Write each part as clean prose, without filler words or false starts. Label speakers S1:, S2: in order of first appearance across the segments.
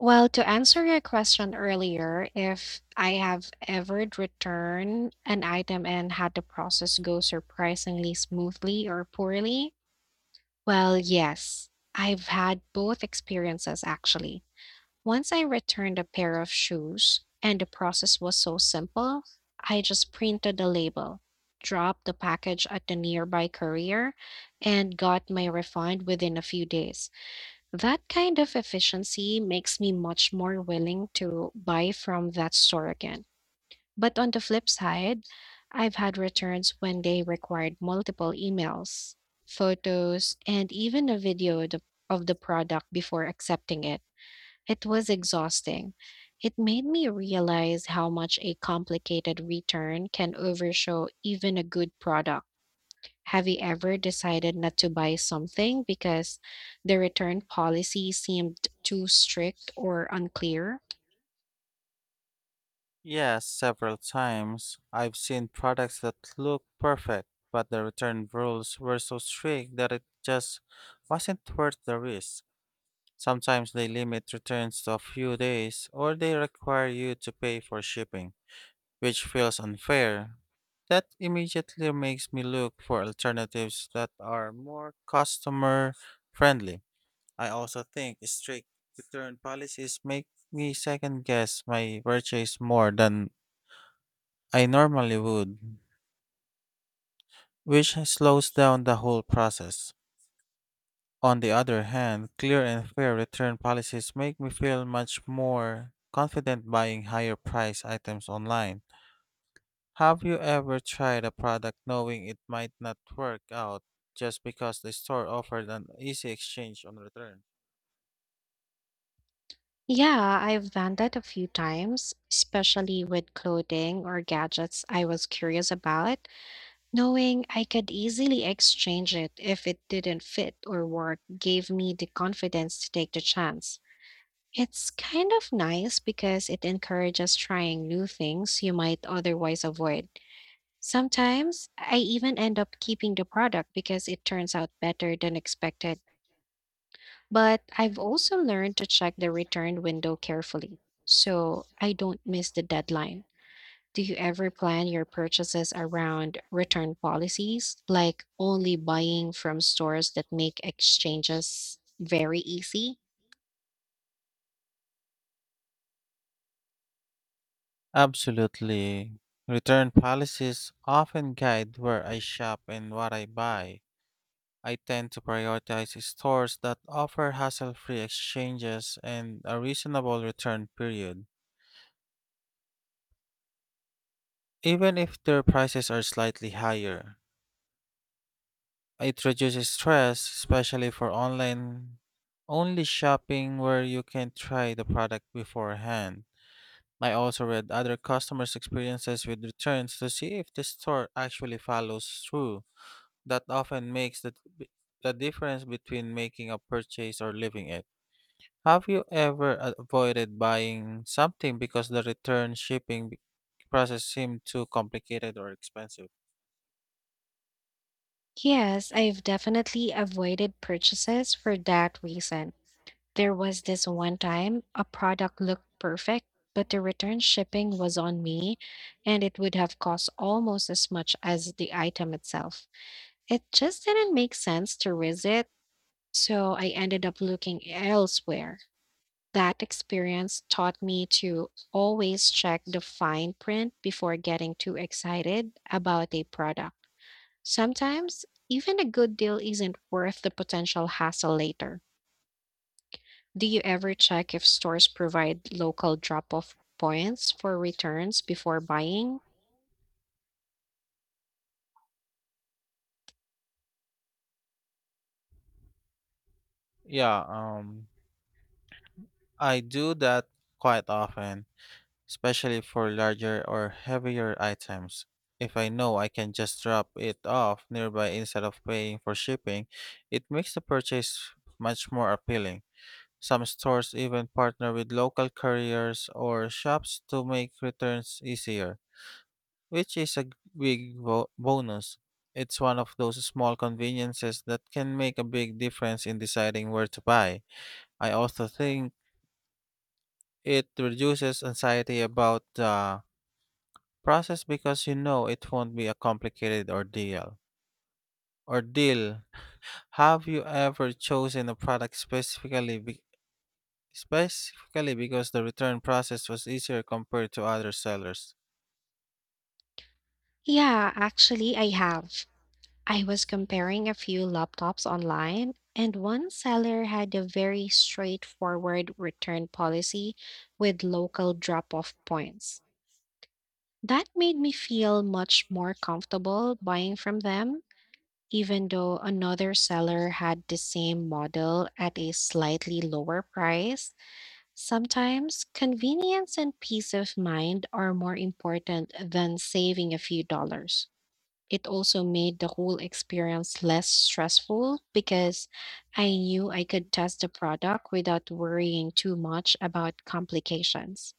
S1: Well, to answer your question earlier, if I have ever returned an item and had the process go surprisingly smoothly or poorly, well, yes, I've had both experiences actually. Once I returned a pair of shoes and the process was so simple, I just printed the label, dropped the package at the nearby courier, and got my refund within a few days. That kind of efficiency makes me much more willing to buy from that store again. But on the flip side, I've had returns when they required multiple emails, photos, and even a video of the product before accepting it. It was exhausting. It made me realize how much a complicated return can overshow even a good product. Have you ever decided not to buy something because the return policy seemed too strict or unclear?
S2: Yes, several times. I've seen products that look perfect, but the return rules were so strict that it just wasn't worth the risk. Sometimes they limit returns to a few days, or they require you to pay for shipping, which feels unfair. That immediately makes me look for alternatives that are more customer friendly. I also think strict return policies make me second guess my purchase more than I normally would, which slows down the whole process. On the other hand, clear and fair return policies make me feel much more confident buying higher price items online. Have you ever tried a product knowing it might not work out just because the store offered an easy exchange on return?
S1: Yeah, I've done that a few times, especially with clothing or gadgets I was curious about. Knowing I could easily exchange it if it didn't fit or work gave me the confidence to take the chance. It's kind of nice because it encourages trying new things you might otherwise avoid. Sometimes I even end up keeping the product because it turns out better than expected. But I've also learned to check the return window carefully so I don't miss the deadline. Do you ever plan your purchases around return policies, like only buying from stores that make exchanges very easy?
S2: Absolutely. Return policies often guide where I shop and what I buy. I tend to prioritize stores that offer hassle free exchanges and a reasonable return period, even if their prices are slightly higher. It reduces stress, especially for online only shopping where you can try the product beforehand. I also read other customers' experiences with returns to see if the store actually follows through. That often makes the difference between making a purchase or leaving it. Have you ever avoided buying something because the return shipping process seemed too complicated or expensive?
S1: Yes, I've definitely avoided purchases for that reason. There was this one time a product looked perfect, but the return shipping was on me and it would have cost almost as much as the item itself. It just didn't make sense to risk it, so I ended up looking elsewhere. That experience taught me to always check the fine print before getting too excited about a product. Sometimes, even a good deal isn't worth the potential hassle later. Do you ever check if stores provide local drop off points for returns before buying?
S2: Yeah, I do that quite often, especially for larger or heavier items. If I know I can just drop it off nearby instead of paying for shipping, it makes the purchase much more appealing. Some stores even partner with local couriers or shops to make returns easier, which big bonus. It's one of those small conveniences that can make a big difference in deciding where to buy. I also think it reduces anxiety about the process because you know it won't be a complicated ordeal. Ordeal. Have you ever chosen a product specifically because the return process was easier compared to other sellers?
S1: Yeah, actually, I have. I was comparing a few laptops online, and one seller had a very straightforward return policy with local drop off points. That made me feel much more comfortable buying from them, even though another seller had the same model at a slightly lower price. Sometimes convenience and peace of mind are more important than saving a few dollars. It also made the whole experience less stressful because I knew I could test the product without worrying too much about complications.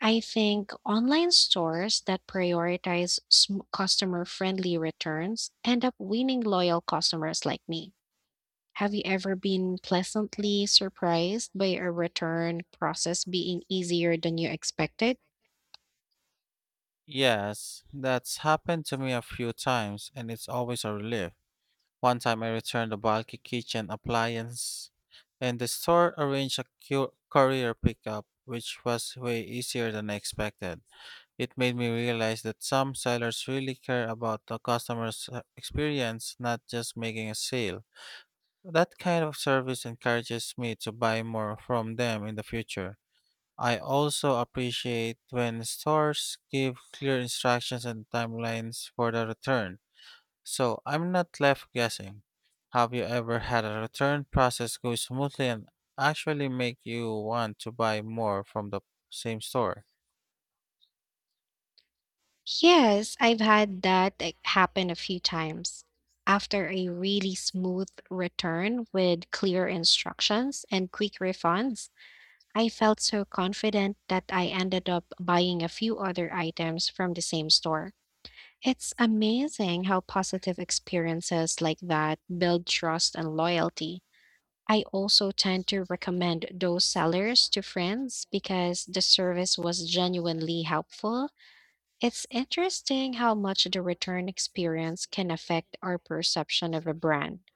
S1: I think online stores that prioritize customer friendly returns end up winning loyal customers like me. Have you ever been pleasantly surprised by a return process being easier than you expected?
S2: Yes, that's happened to me a few times and it's always a relief. One time I returned a bulky kitchen appliance, and the store arranged a courier pickup, which was way easier than I expected. It made me realize that some sellers really care about the customer's experience, not just making a sale. That kind of service encourages me to buy more from them in the future. I also appreciate when stores give clear instructions and timelines for the return. So I'm not left guessing. Have you ever had a return process go smoothly and actually make you want to buy more from the same store?
S1: Yes, I've had that, like, happen a few times. After a really smooth return with clear instructions and quick refunds, I felt so confident that I ended up buying a few other items from the same store. It's amazing how positive experiences like that build trust and loyalty. I also tend to recommend those sellers to friends because the service was genuinely helpful. It's interesting how much the return experience can affect our perception of a brand,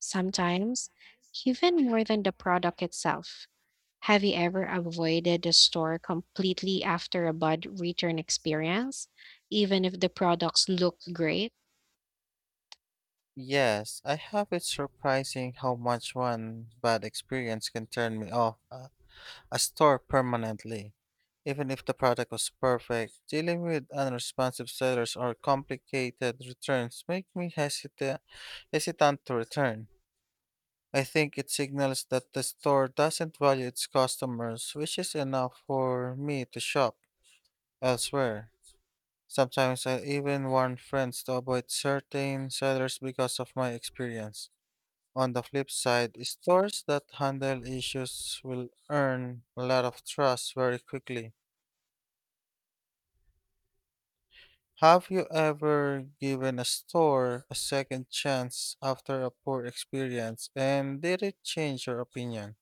S1: sometimes even more than the product itself. Have you ever avoided a store completely after a bad return experience, even if the products looked great?
S2: Yes, I have. It's surprising how much one bad experience can turn me off a store permanently. Even if the product was perfect, dealing with unresponsive sellers or complicated returns make me hesitant to return. I think it signals that the store doesn't value its customers, which is enough for me to shop elsewhere. Sometimes I even warn friends to avoid certain sellers because of my experience. On the flip side, stores that handle issues will earn a lot of trust very quickly. Have you ever given a store a second chance after a poor experience, and did it change your opinion?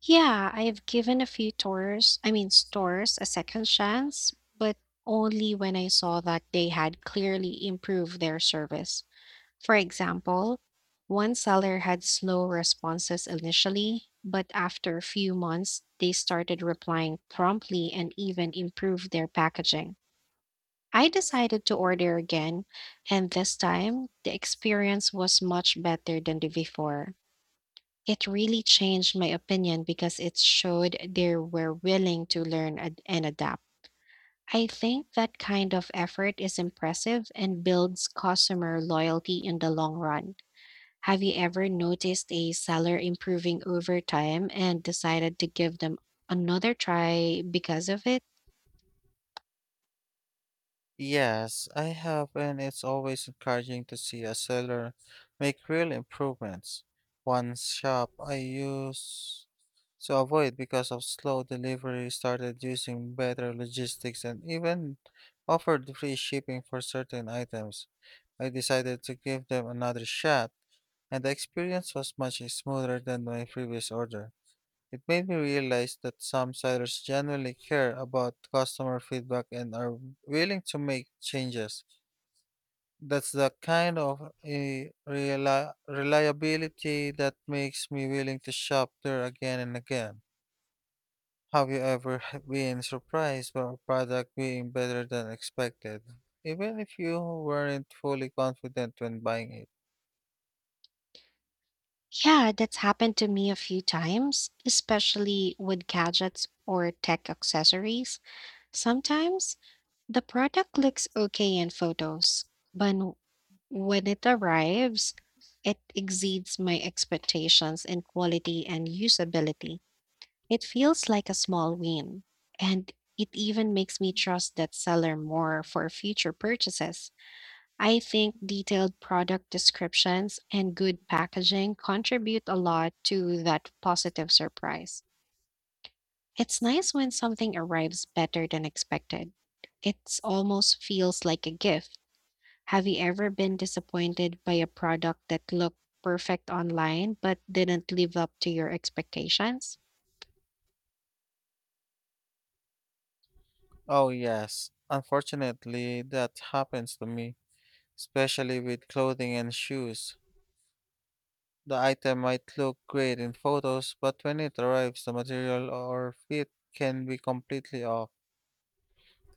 S1: Yeah, I have given a few tours, I mean stores, a second chance, but only when I saw that they had clearly improved their service. For example, one seller had slow responses initially, but after a few months, they started replying promptly and even improved their packaging. I decided to order again, and this time the experience was much better than the before. It really changed my opinion because it showed they were willing to learn and adapt. I think that kind of effort is impressive and builds customer loyalty in the long run. Have you ever noticed a seller improving over time and decided to give them another try because of it?
S2: Yes, I have, and it's always encouraging to see a seller make real improvements. One shop I used to avoid because of slow delivery started using better logistics and even offered free shipping for certain items. I decided to give them another shot, and the experience was much smoother than my previous order. It made me realize that some sellers genuinely care about customer feedback and are willing to make changes. That's the kind of reliability that makes me willing to shop there again and again. Have you ever been surprised by a product being better than expected, even if you weren't fully confident when buying it?
S1: Yeah, that's happened to me a few times, especially with gadgets or tech accessories. Sometimes the product looks okay in photos, but when it arrives, it exceeds my expectations in quality and usability. It feels like a small win, and it even makes me trust that seller more for future purchases. I think detailed product descriptions and good packaging contribute a lot to that positive surprise. It's nice when something arrives better than expected. It almost feels like a gift. Have you ever been disappointed by a product that looked perfect online but didn't live up to your expectations?
S2: Oh, yes. Unfortunately, that happens to me, especially with clothing and shoes. The item might look great in photos, but when it arrives, the material or fit can be completely off.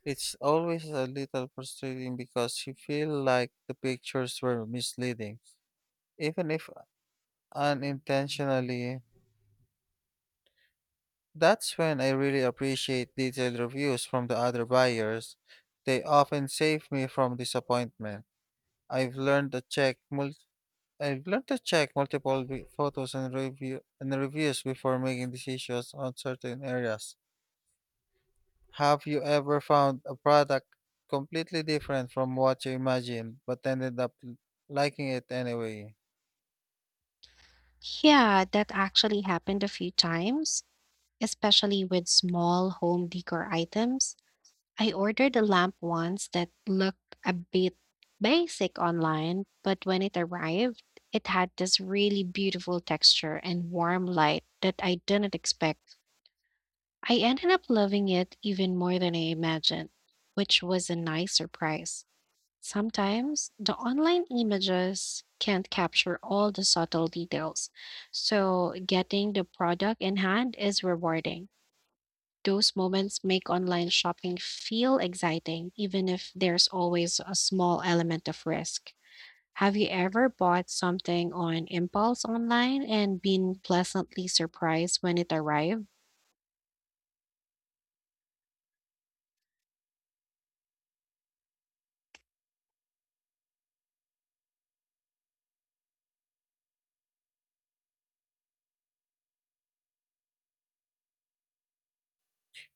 S2: It's always a little frustrating because you feel like the pictures were misleading, even if unintentionally. That's when I really appreciate detailed reviews from the other buyers. They often save me from disappointment. I've learned to check multiple I've learned to check multiple photos and reviews before making decisions on certain areas. Have you ever found a product completely different from what you imagined but ended up liking it anyway?
S1: Yeah, that actually happened a few times, especially with small home decor items. I ordered a lamp once that looked a bit basic online, but when it arrived, it had this really beautiful texture and warm light that I didn't expect. I ended up loving it even more than I imagined, which was a nice surprise. Sometimes the online images can't capture all the subtle details, so getting the product in hand is rewarding. Those moments make online shopping feel exciting, even if there's always a small element of risk. Have you ever bought something on impulse online and been pleasantly surprised when it arrived?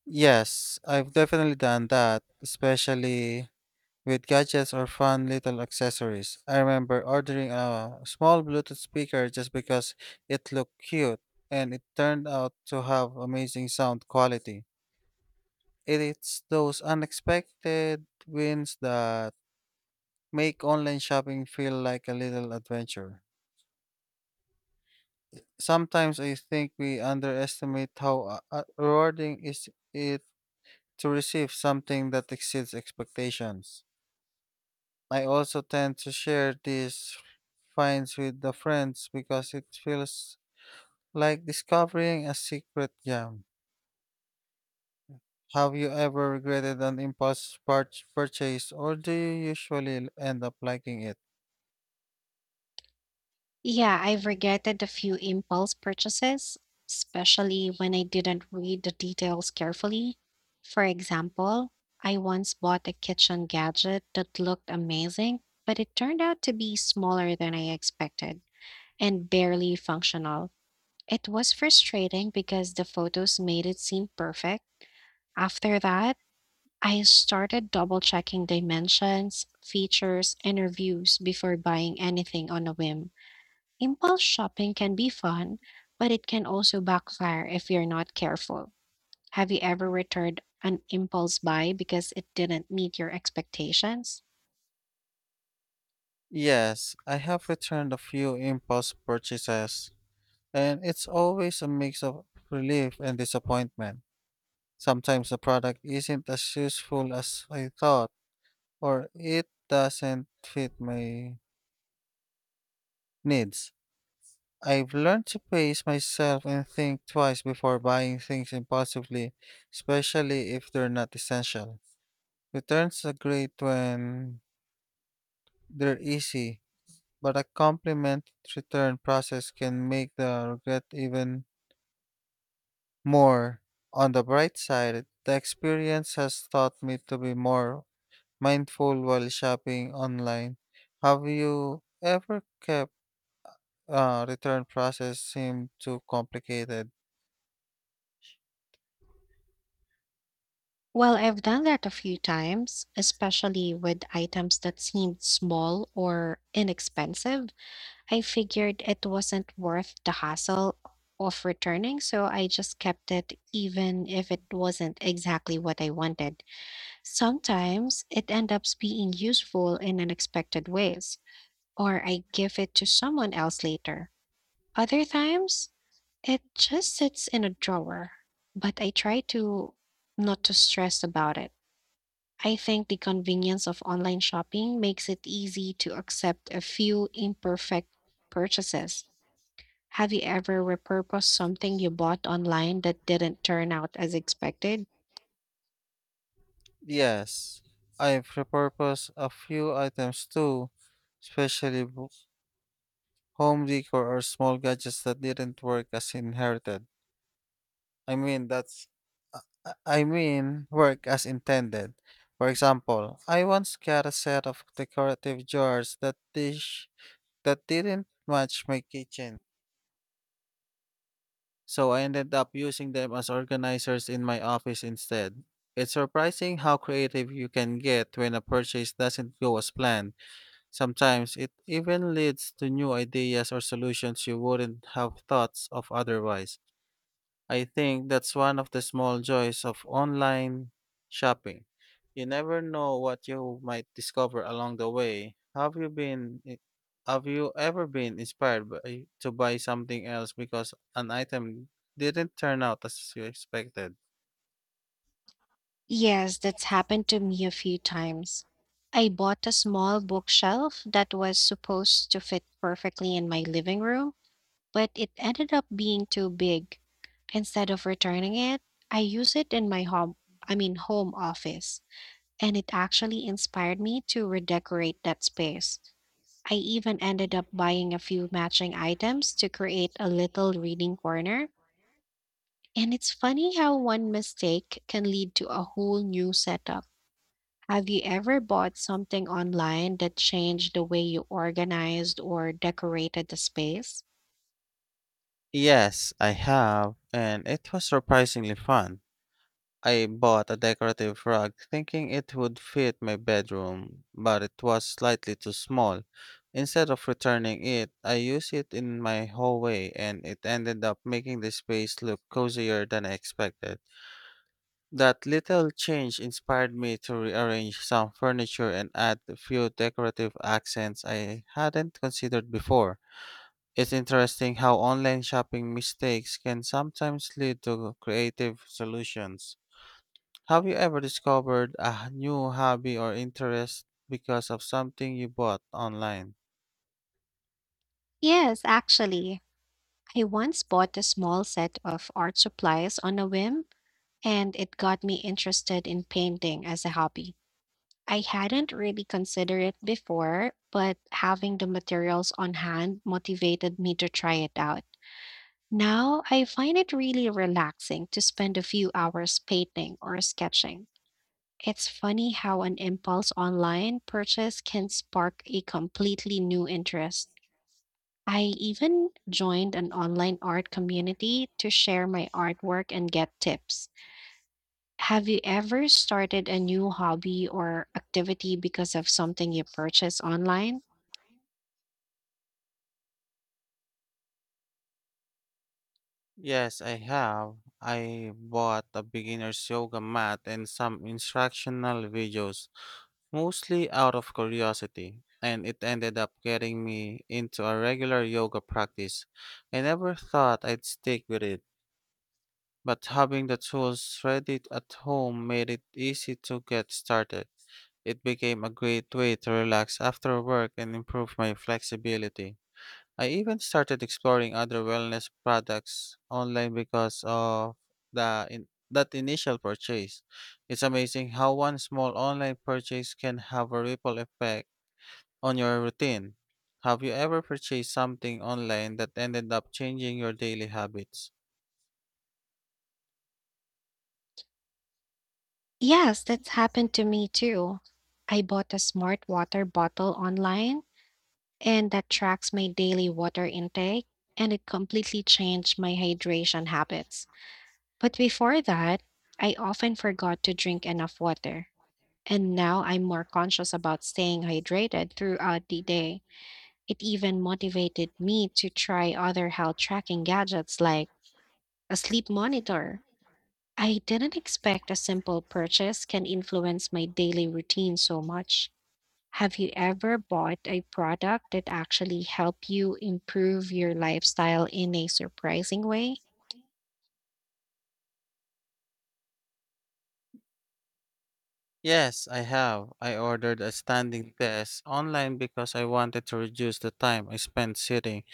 S2: Yes, I've definitely done that, especially with gadgets or fun little accessories. I remember ordering a small Bluetooth speaker just because it looked cute and it turned out to have amazing sound quality. It is those unexpected wins that make online shopping feel like a little adventure. Sometimes I think we underestimate how rewarding is it to receive something that exceeds expectations. I also tend to share these finds with the friends because it feels like discovering a secret gem. Have you ever regretted an impulse purchase or do you usually end up liking it?
S1: Yeah, I've regretted a few impulse purchases, especially when I didn't read the details carefully. For example, I once bought a kitchen gadget that looked amazing, but it turned out to be smaller than I expected and barely functional. It was frustrating because the photos made it seem perfect. After that, I started double checking dimensions, features, and reviews before buying anything on a whim. Impulse shopping can be fun, but it can also backfire if you're not careful. Have you ever returned an impulse buy because it didn't meet your expectations?
S2: Yes, I have returned a few impulse purchases, and it's always a mix of relief and disappointment. Sometimes the product isn't as useful as I thought, or it doesn't fit my needs. I've learned to pace myself and think twice before buying things impulsively, especially if they're not essential. Returns are great when they're easy, but a compliment return process can make the regret even more. On the bright side, the experience has taught me to be more mindful while shopping online. Have you ever kept return process seem too complicated?
S1: Well, I've done that a few times, especially with items that seemed small or inexpensive. I figured it wasn't worth the hassle of returning, so I just kept it even if it wasn't exactly what I wanted. Sometimes it ends up being useful in unexpected ways, or I give it to someone else later. Other times, it just sits in a drawer, but I try to not to stress about it. I think the convenience of online shopping makes it easy to accept a few imperfect purchases. Have you ever repurposed something you bought online that didn't turn out as expected?
S2: Yes, I've repurposed a few items too, especially home decor or small gadgets that didn't work as inherited. I mean, that's I mean, work as intended. For example, I once got a set of decorative jars that didn't match my kitchen, so I ended up using them as organizers in my office instead. It's surprising how creative you can get when a purchase doesn't go as planned. Sometimes it even leads to new ideas or solutions you wouldn't have thought of otherwise. I think that's one of the small joys of online shopping. You never know what you might discover along the way. Have you ever been inspired to buy something else because an item didn't turn out as you expected?
S1: Yes, that's happened to me a few times. I bought a small bookshelf that was supposed to fit perfectly in my living room, but it ended up being too big. Instead of returning it, I use it in my home, I mean home office, and it actually inspired me to redecorate that space. I even ended up buying a few matching items to create a little reading corner, and it's funny how one mistake can lead to a whole new setup. Have you ever bought something online that changed the way you organized or decorated the space?
S2: Yes, I have, and it was surprisingly fun. I bought a decorative rug thinking it would fit my bedroom, but it was slightly too small. Instead of returning it, I used it in my hallway and it ended up making the space look cozier than I expected. That little change inspired me to rearrange some furniture and add a few decorative accents I hadn't considered before. It's interesting how online shopping mistakes can sometimes lead to creative solutions. Have you ever discovered a new hobby or interest because of something you bought online?
S1: Yes, actually. I once bought a small set of art supplies on a whim, and it got me interested in painting as a hobby. I hadn't really considered it before, but having the materials on hand motivated me to try it out. Now I find it really relaxing to spend a few hours painting or sketching. It's funny how an impulse online purchase can spark a completely new interest. I even joined an online art community to share my artwork and get tips. Have you ever started a new hobby or activity because of something you purchased online?
S2: Yes, I have. I bought a beginner's yoga mat and some instructional videos, mostly out of curiosity, and it ended up getting me into a regular yoga practice. I never thought I'd stick with it, but having the tools ready at home made it easy to get started. It became a great way to relax after work and improve my flexibility. I even started exploring other wellness products online because of that initial purchase. It's amazing how one small online purchase can have a ripple effect on your routine. Have you ever purchased something online that ended up changing your daily habits?
S1: Yes, that's happened to me too. I bought a smart water bottle online and that tracks my daily water intake, and it completely changed my hydration habits. But before that, I often forgot to drink enough water. And now I'm more conscious about staying hydrated throughout the day. It even motivated me to try other health tracking gadgets like a sleep monitor. I didn't expect a simple purchase can influence my daily routine so much. Have you ever bought a product that actually helped you improve your lifestyle in a surprising way?
S2: Yes, I have. I ordered a standing desk online because I wanted to reduce the time I spent sitting,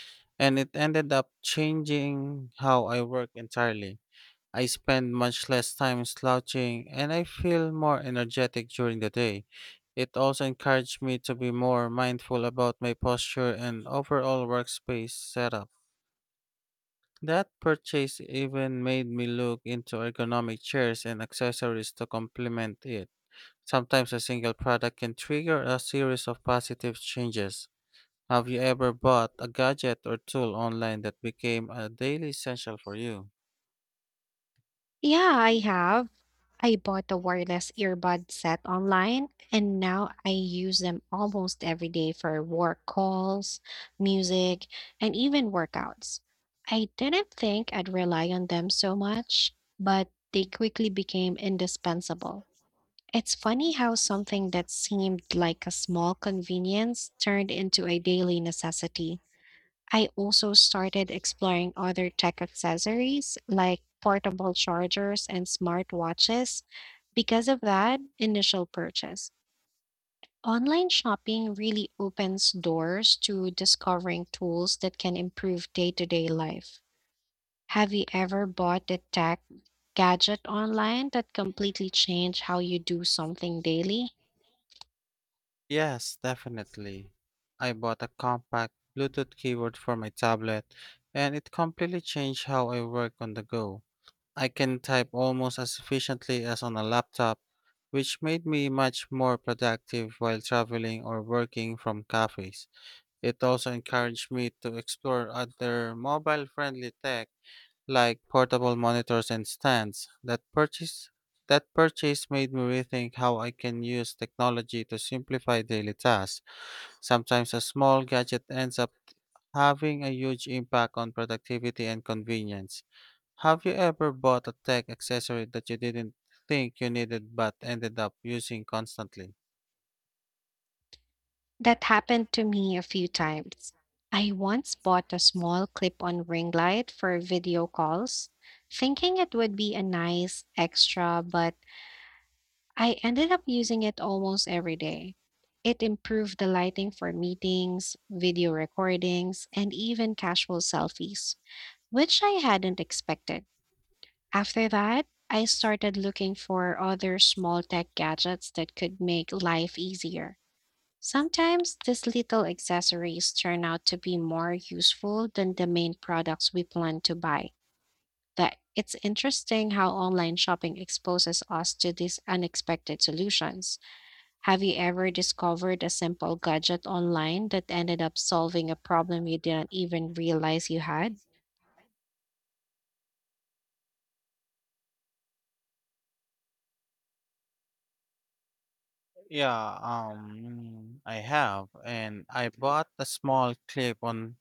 S2: and it ended up changing how I work entirely. I spend much less time slouching, and I feel more energetic during the day. It also encouraged me to be more mindful about my posture and overall workspace setup. That purchase even made me look into ergonomic chairs and accessories to complement it. Sometimes a single product can trigger a series of positive changes. Have you ever bought a gadget or tool online that became a daily essential for you?
S1: Yeah, I have. I bought a wireless earbud set online, and now I use them almost every day for work calls, music, and even workouts. I didn't think I'd rely on them so much, but they quickly became indispensable. It's funny how something that seemed like a small convenience turned into a daily necessity. I also started exploring other tech accessories like portable chargers and smartwatches because of that initial purchase. Online shopping really opens doors to discovering tools that can improve day to day life. Have you ever bought a tech gadget online that completely changed how you do something daily?
S2: Yes, definitely. I bought a compact Bluetooth keyboard for my tablet, and it completely changed how I work on the go. I can type almost as efficiently as on a laptop, which made me much more productive while traveling or working from cafes. It also encouraged me to explore other mobile friendly tech like portable monitors and stands. That purchase made me rethink how I can use technology to simplify daily tasks. Sometimes a small gadget ends up having a huge impact on productivity and convenience. Have you ever bought a tech accessory that you didn't think you needed but ended up using constantly?
S1: That happened to me a few times. I once bought a small clip on ring light for video calls, thinking it would be a nice extra, but I ended up using it almost every day. It improved the lighting for meetings, video recordings, and even casual selfies, which I hadn't expected. After that, I started looking for other small tech gadgets that could make life easier. Sometimes these little accessories turn out to be more useful than the main products we plan to buy. That it's interesting how online shopping exposes us to these unexpected solutions. Have you ever discovered a simple gadget online that ended up solving a problem you didn't even realize you had?
S2: Yeah, I have, and I bought a small clip-on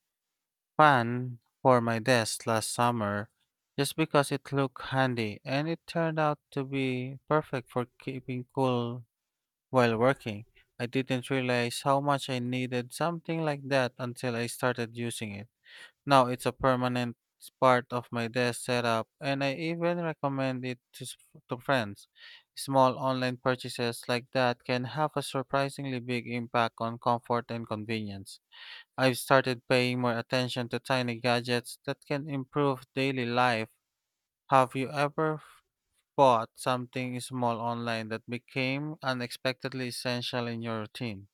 S2: fan for my desk last summer just because it looked handy, and it turned out to be perfect for keeping cool while working. I didn't realize how much I needed something like that until I started using it. Now it's a permanent part of my desk setup, and I even recommend it to friends. Small online purchases like that can have a surprisingly big impact on comfort and convenience. I've started paying more attention to tiny gadgets that can improve daily life. Have you ever bought something small online that became unexpectedly essential in your routine?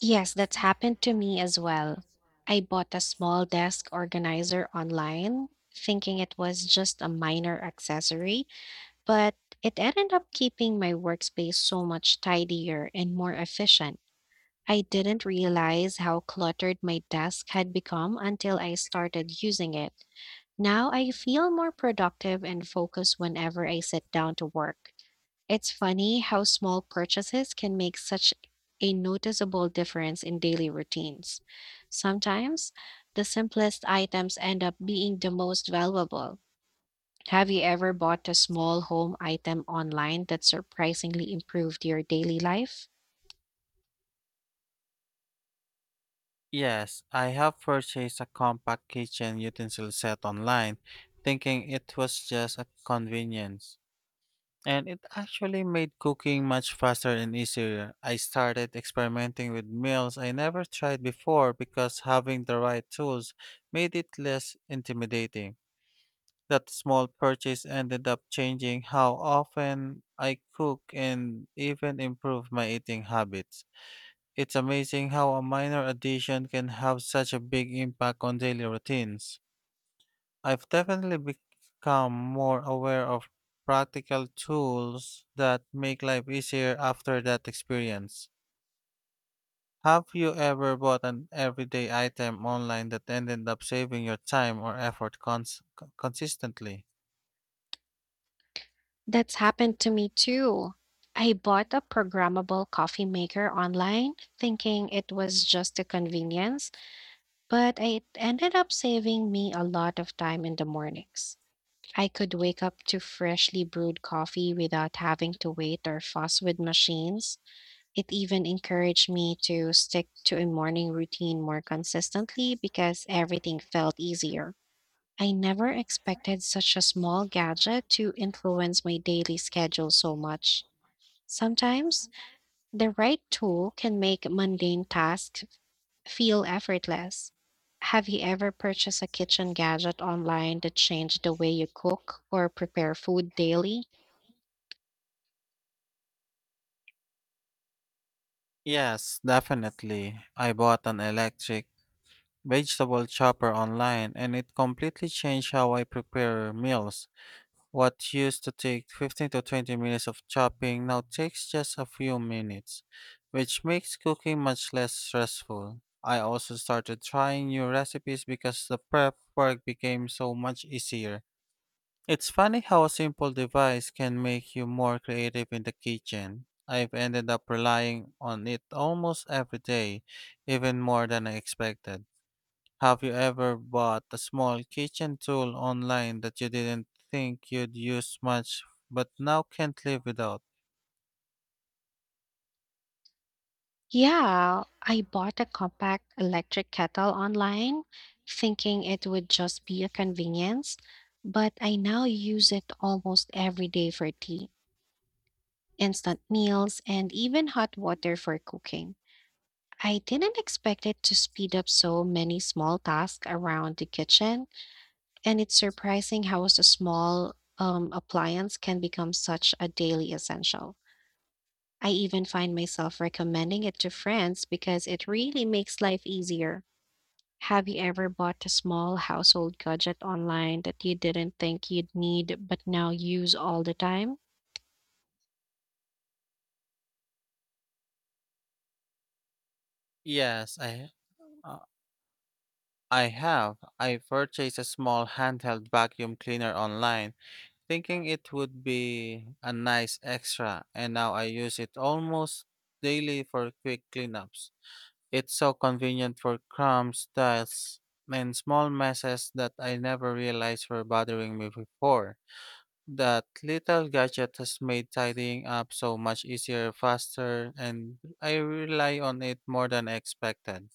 S1: Yes, that's happened to me as well. I bought a small desk organizer online, thinking it was just a minor accessory, but it ended up keeping my workspace so much tidier and more efficient. I didn't realize how cluttered my desk had become until I started using it. Now I feel more productive and focused whenever I sit down to work. It's funny how small purchases can make such a noticeable difference in daily routines. Sometimes the simplest items end up being the most valuable. Have you ever bought a small home item online that surprisingly improved your daily life?
S2: Yes, I have purchased a compact kitchen utensil set online, thinking it was just a convenience. And it actually made cooking much faster and easier. I started experimenting with meals I never tried before because having the right tools made it less intimidating. That small purchase ended up changing how often I cook and even improved my eating habits. It's amazing how a minor addition can have such a big impact on daily routines. I've definitely become more aware of practical tools that make life easier after that experience. Have you ever bought an everyday item online that ended up saving your time or effort consistently?
S1: That's happened to me too. I bought a programmable coffee maker online thinking it was just a convenience, but it ended up saving me a lot of time in the mornings. I could wake up to freshly brewed coffee without having to wait or fuss with machines. It even encouraged me to stick to a morning routine more consistently because everything felt easier. I never expected such a small gadget to influence my daily schedule so much. Sometimes the right tool can make mundane tasks feel effortless. Have you ever purchased a kitchen gadget online that changed the way you cook or prepare food daily?
S2: Yes, definitely. I bought an electric vegetable chopper online and it completely changed how I prepare meals. What used to take 15 to 20 minutes of chopping now takes just a few minutes, which makes cooking much less stressful. I also started trying new recipes because the prep work became so much easier. It's funny how a simple device can make you more creative in the kitchen. I've ended up relying on it almost every day, even more than I expected. Have you ever bought a small kitchen tool online that you didn't think you'd use much but now can't live without?
S1: Yeah, I bought a compact electric kettle online, thinking it would just be a convenience, but I now use it almost every day for tea, instant meals, and even hot water for cooking. I didn't expect it to speed up so many small tasks around the kitchen, and it's surprising how a small appliance can become such a daily essential. I even find myself recommending it to friends because it really makes life easier. Have you ever bought a small household gadget online that you didn't think you'd need but now use all the time?
S2: Yes, uh, I have. I purchased a small handheld vacuum cleaner online, thinking it would be a nice extra, and now I use it almost daily for quick cleanups. It's so convenient for crumbs, dust, and small messes that I never realized were bothering me before. That little gadget has made tidying up so much easier, faster, and I rely on it more than I expected.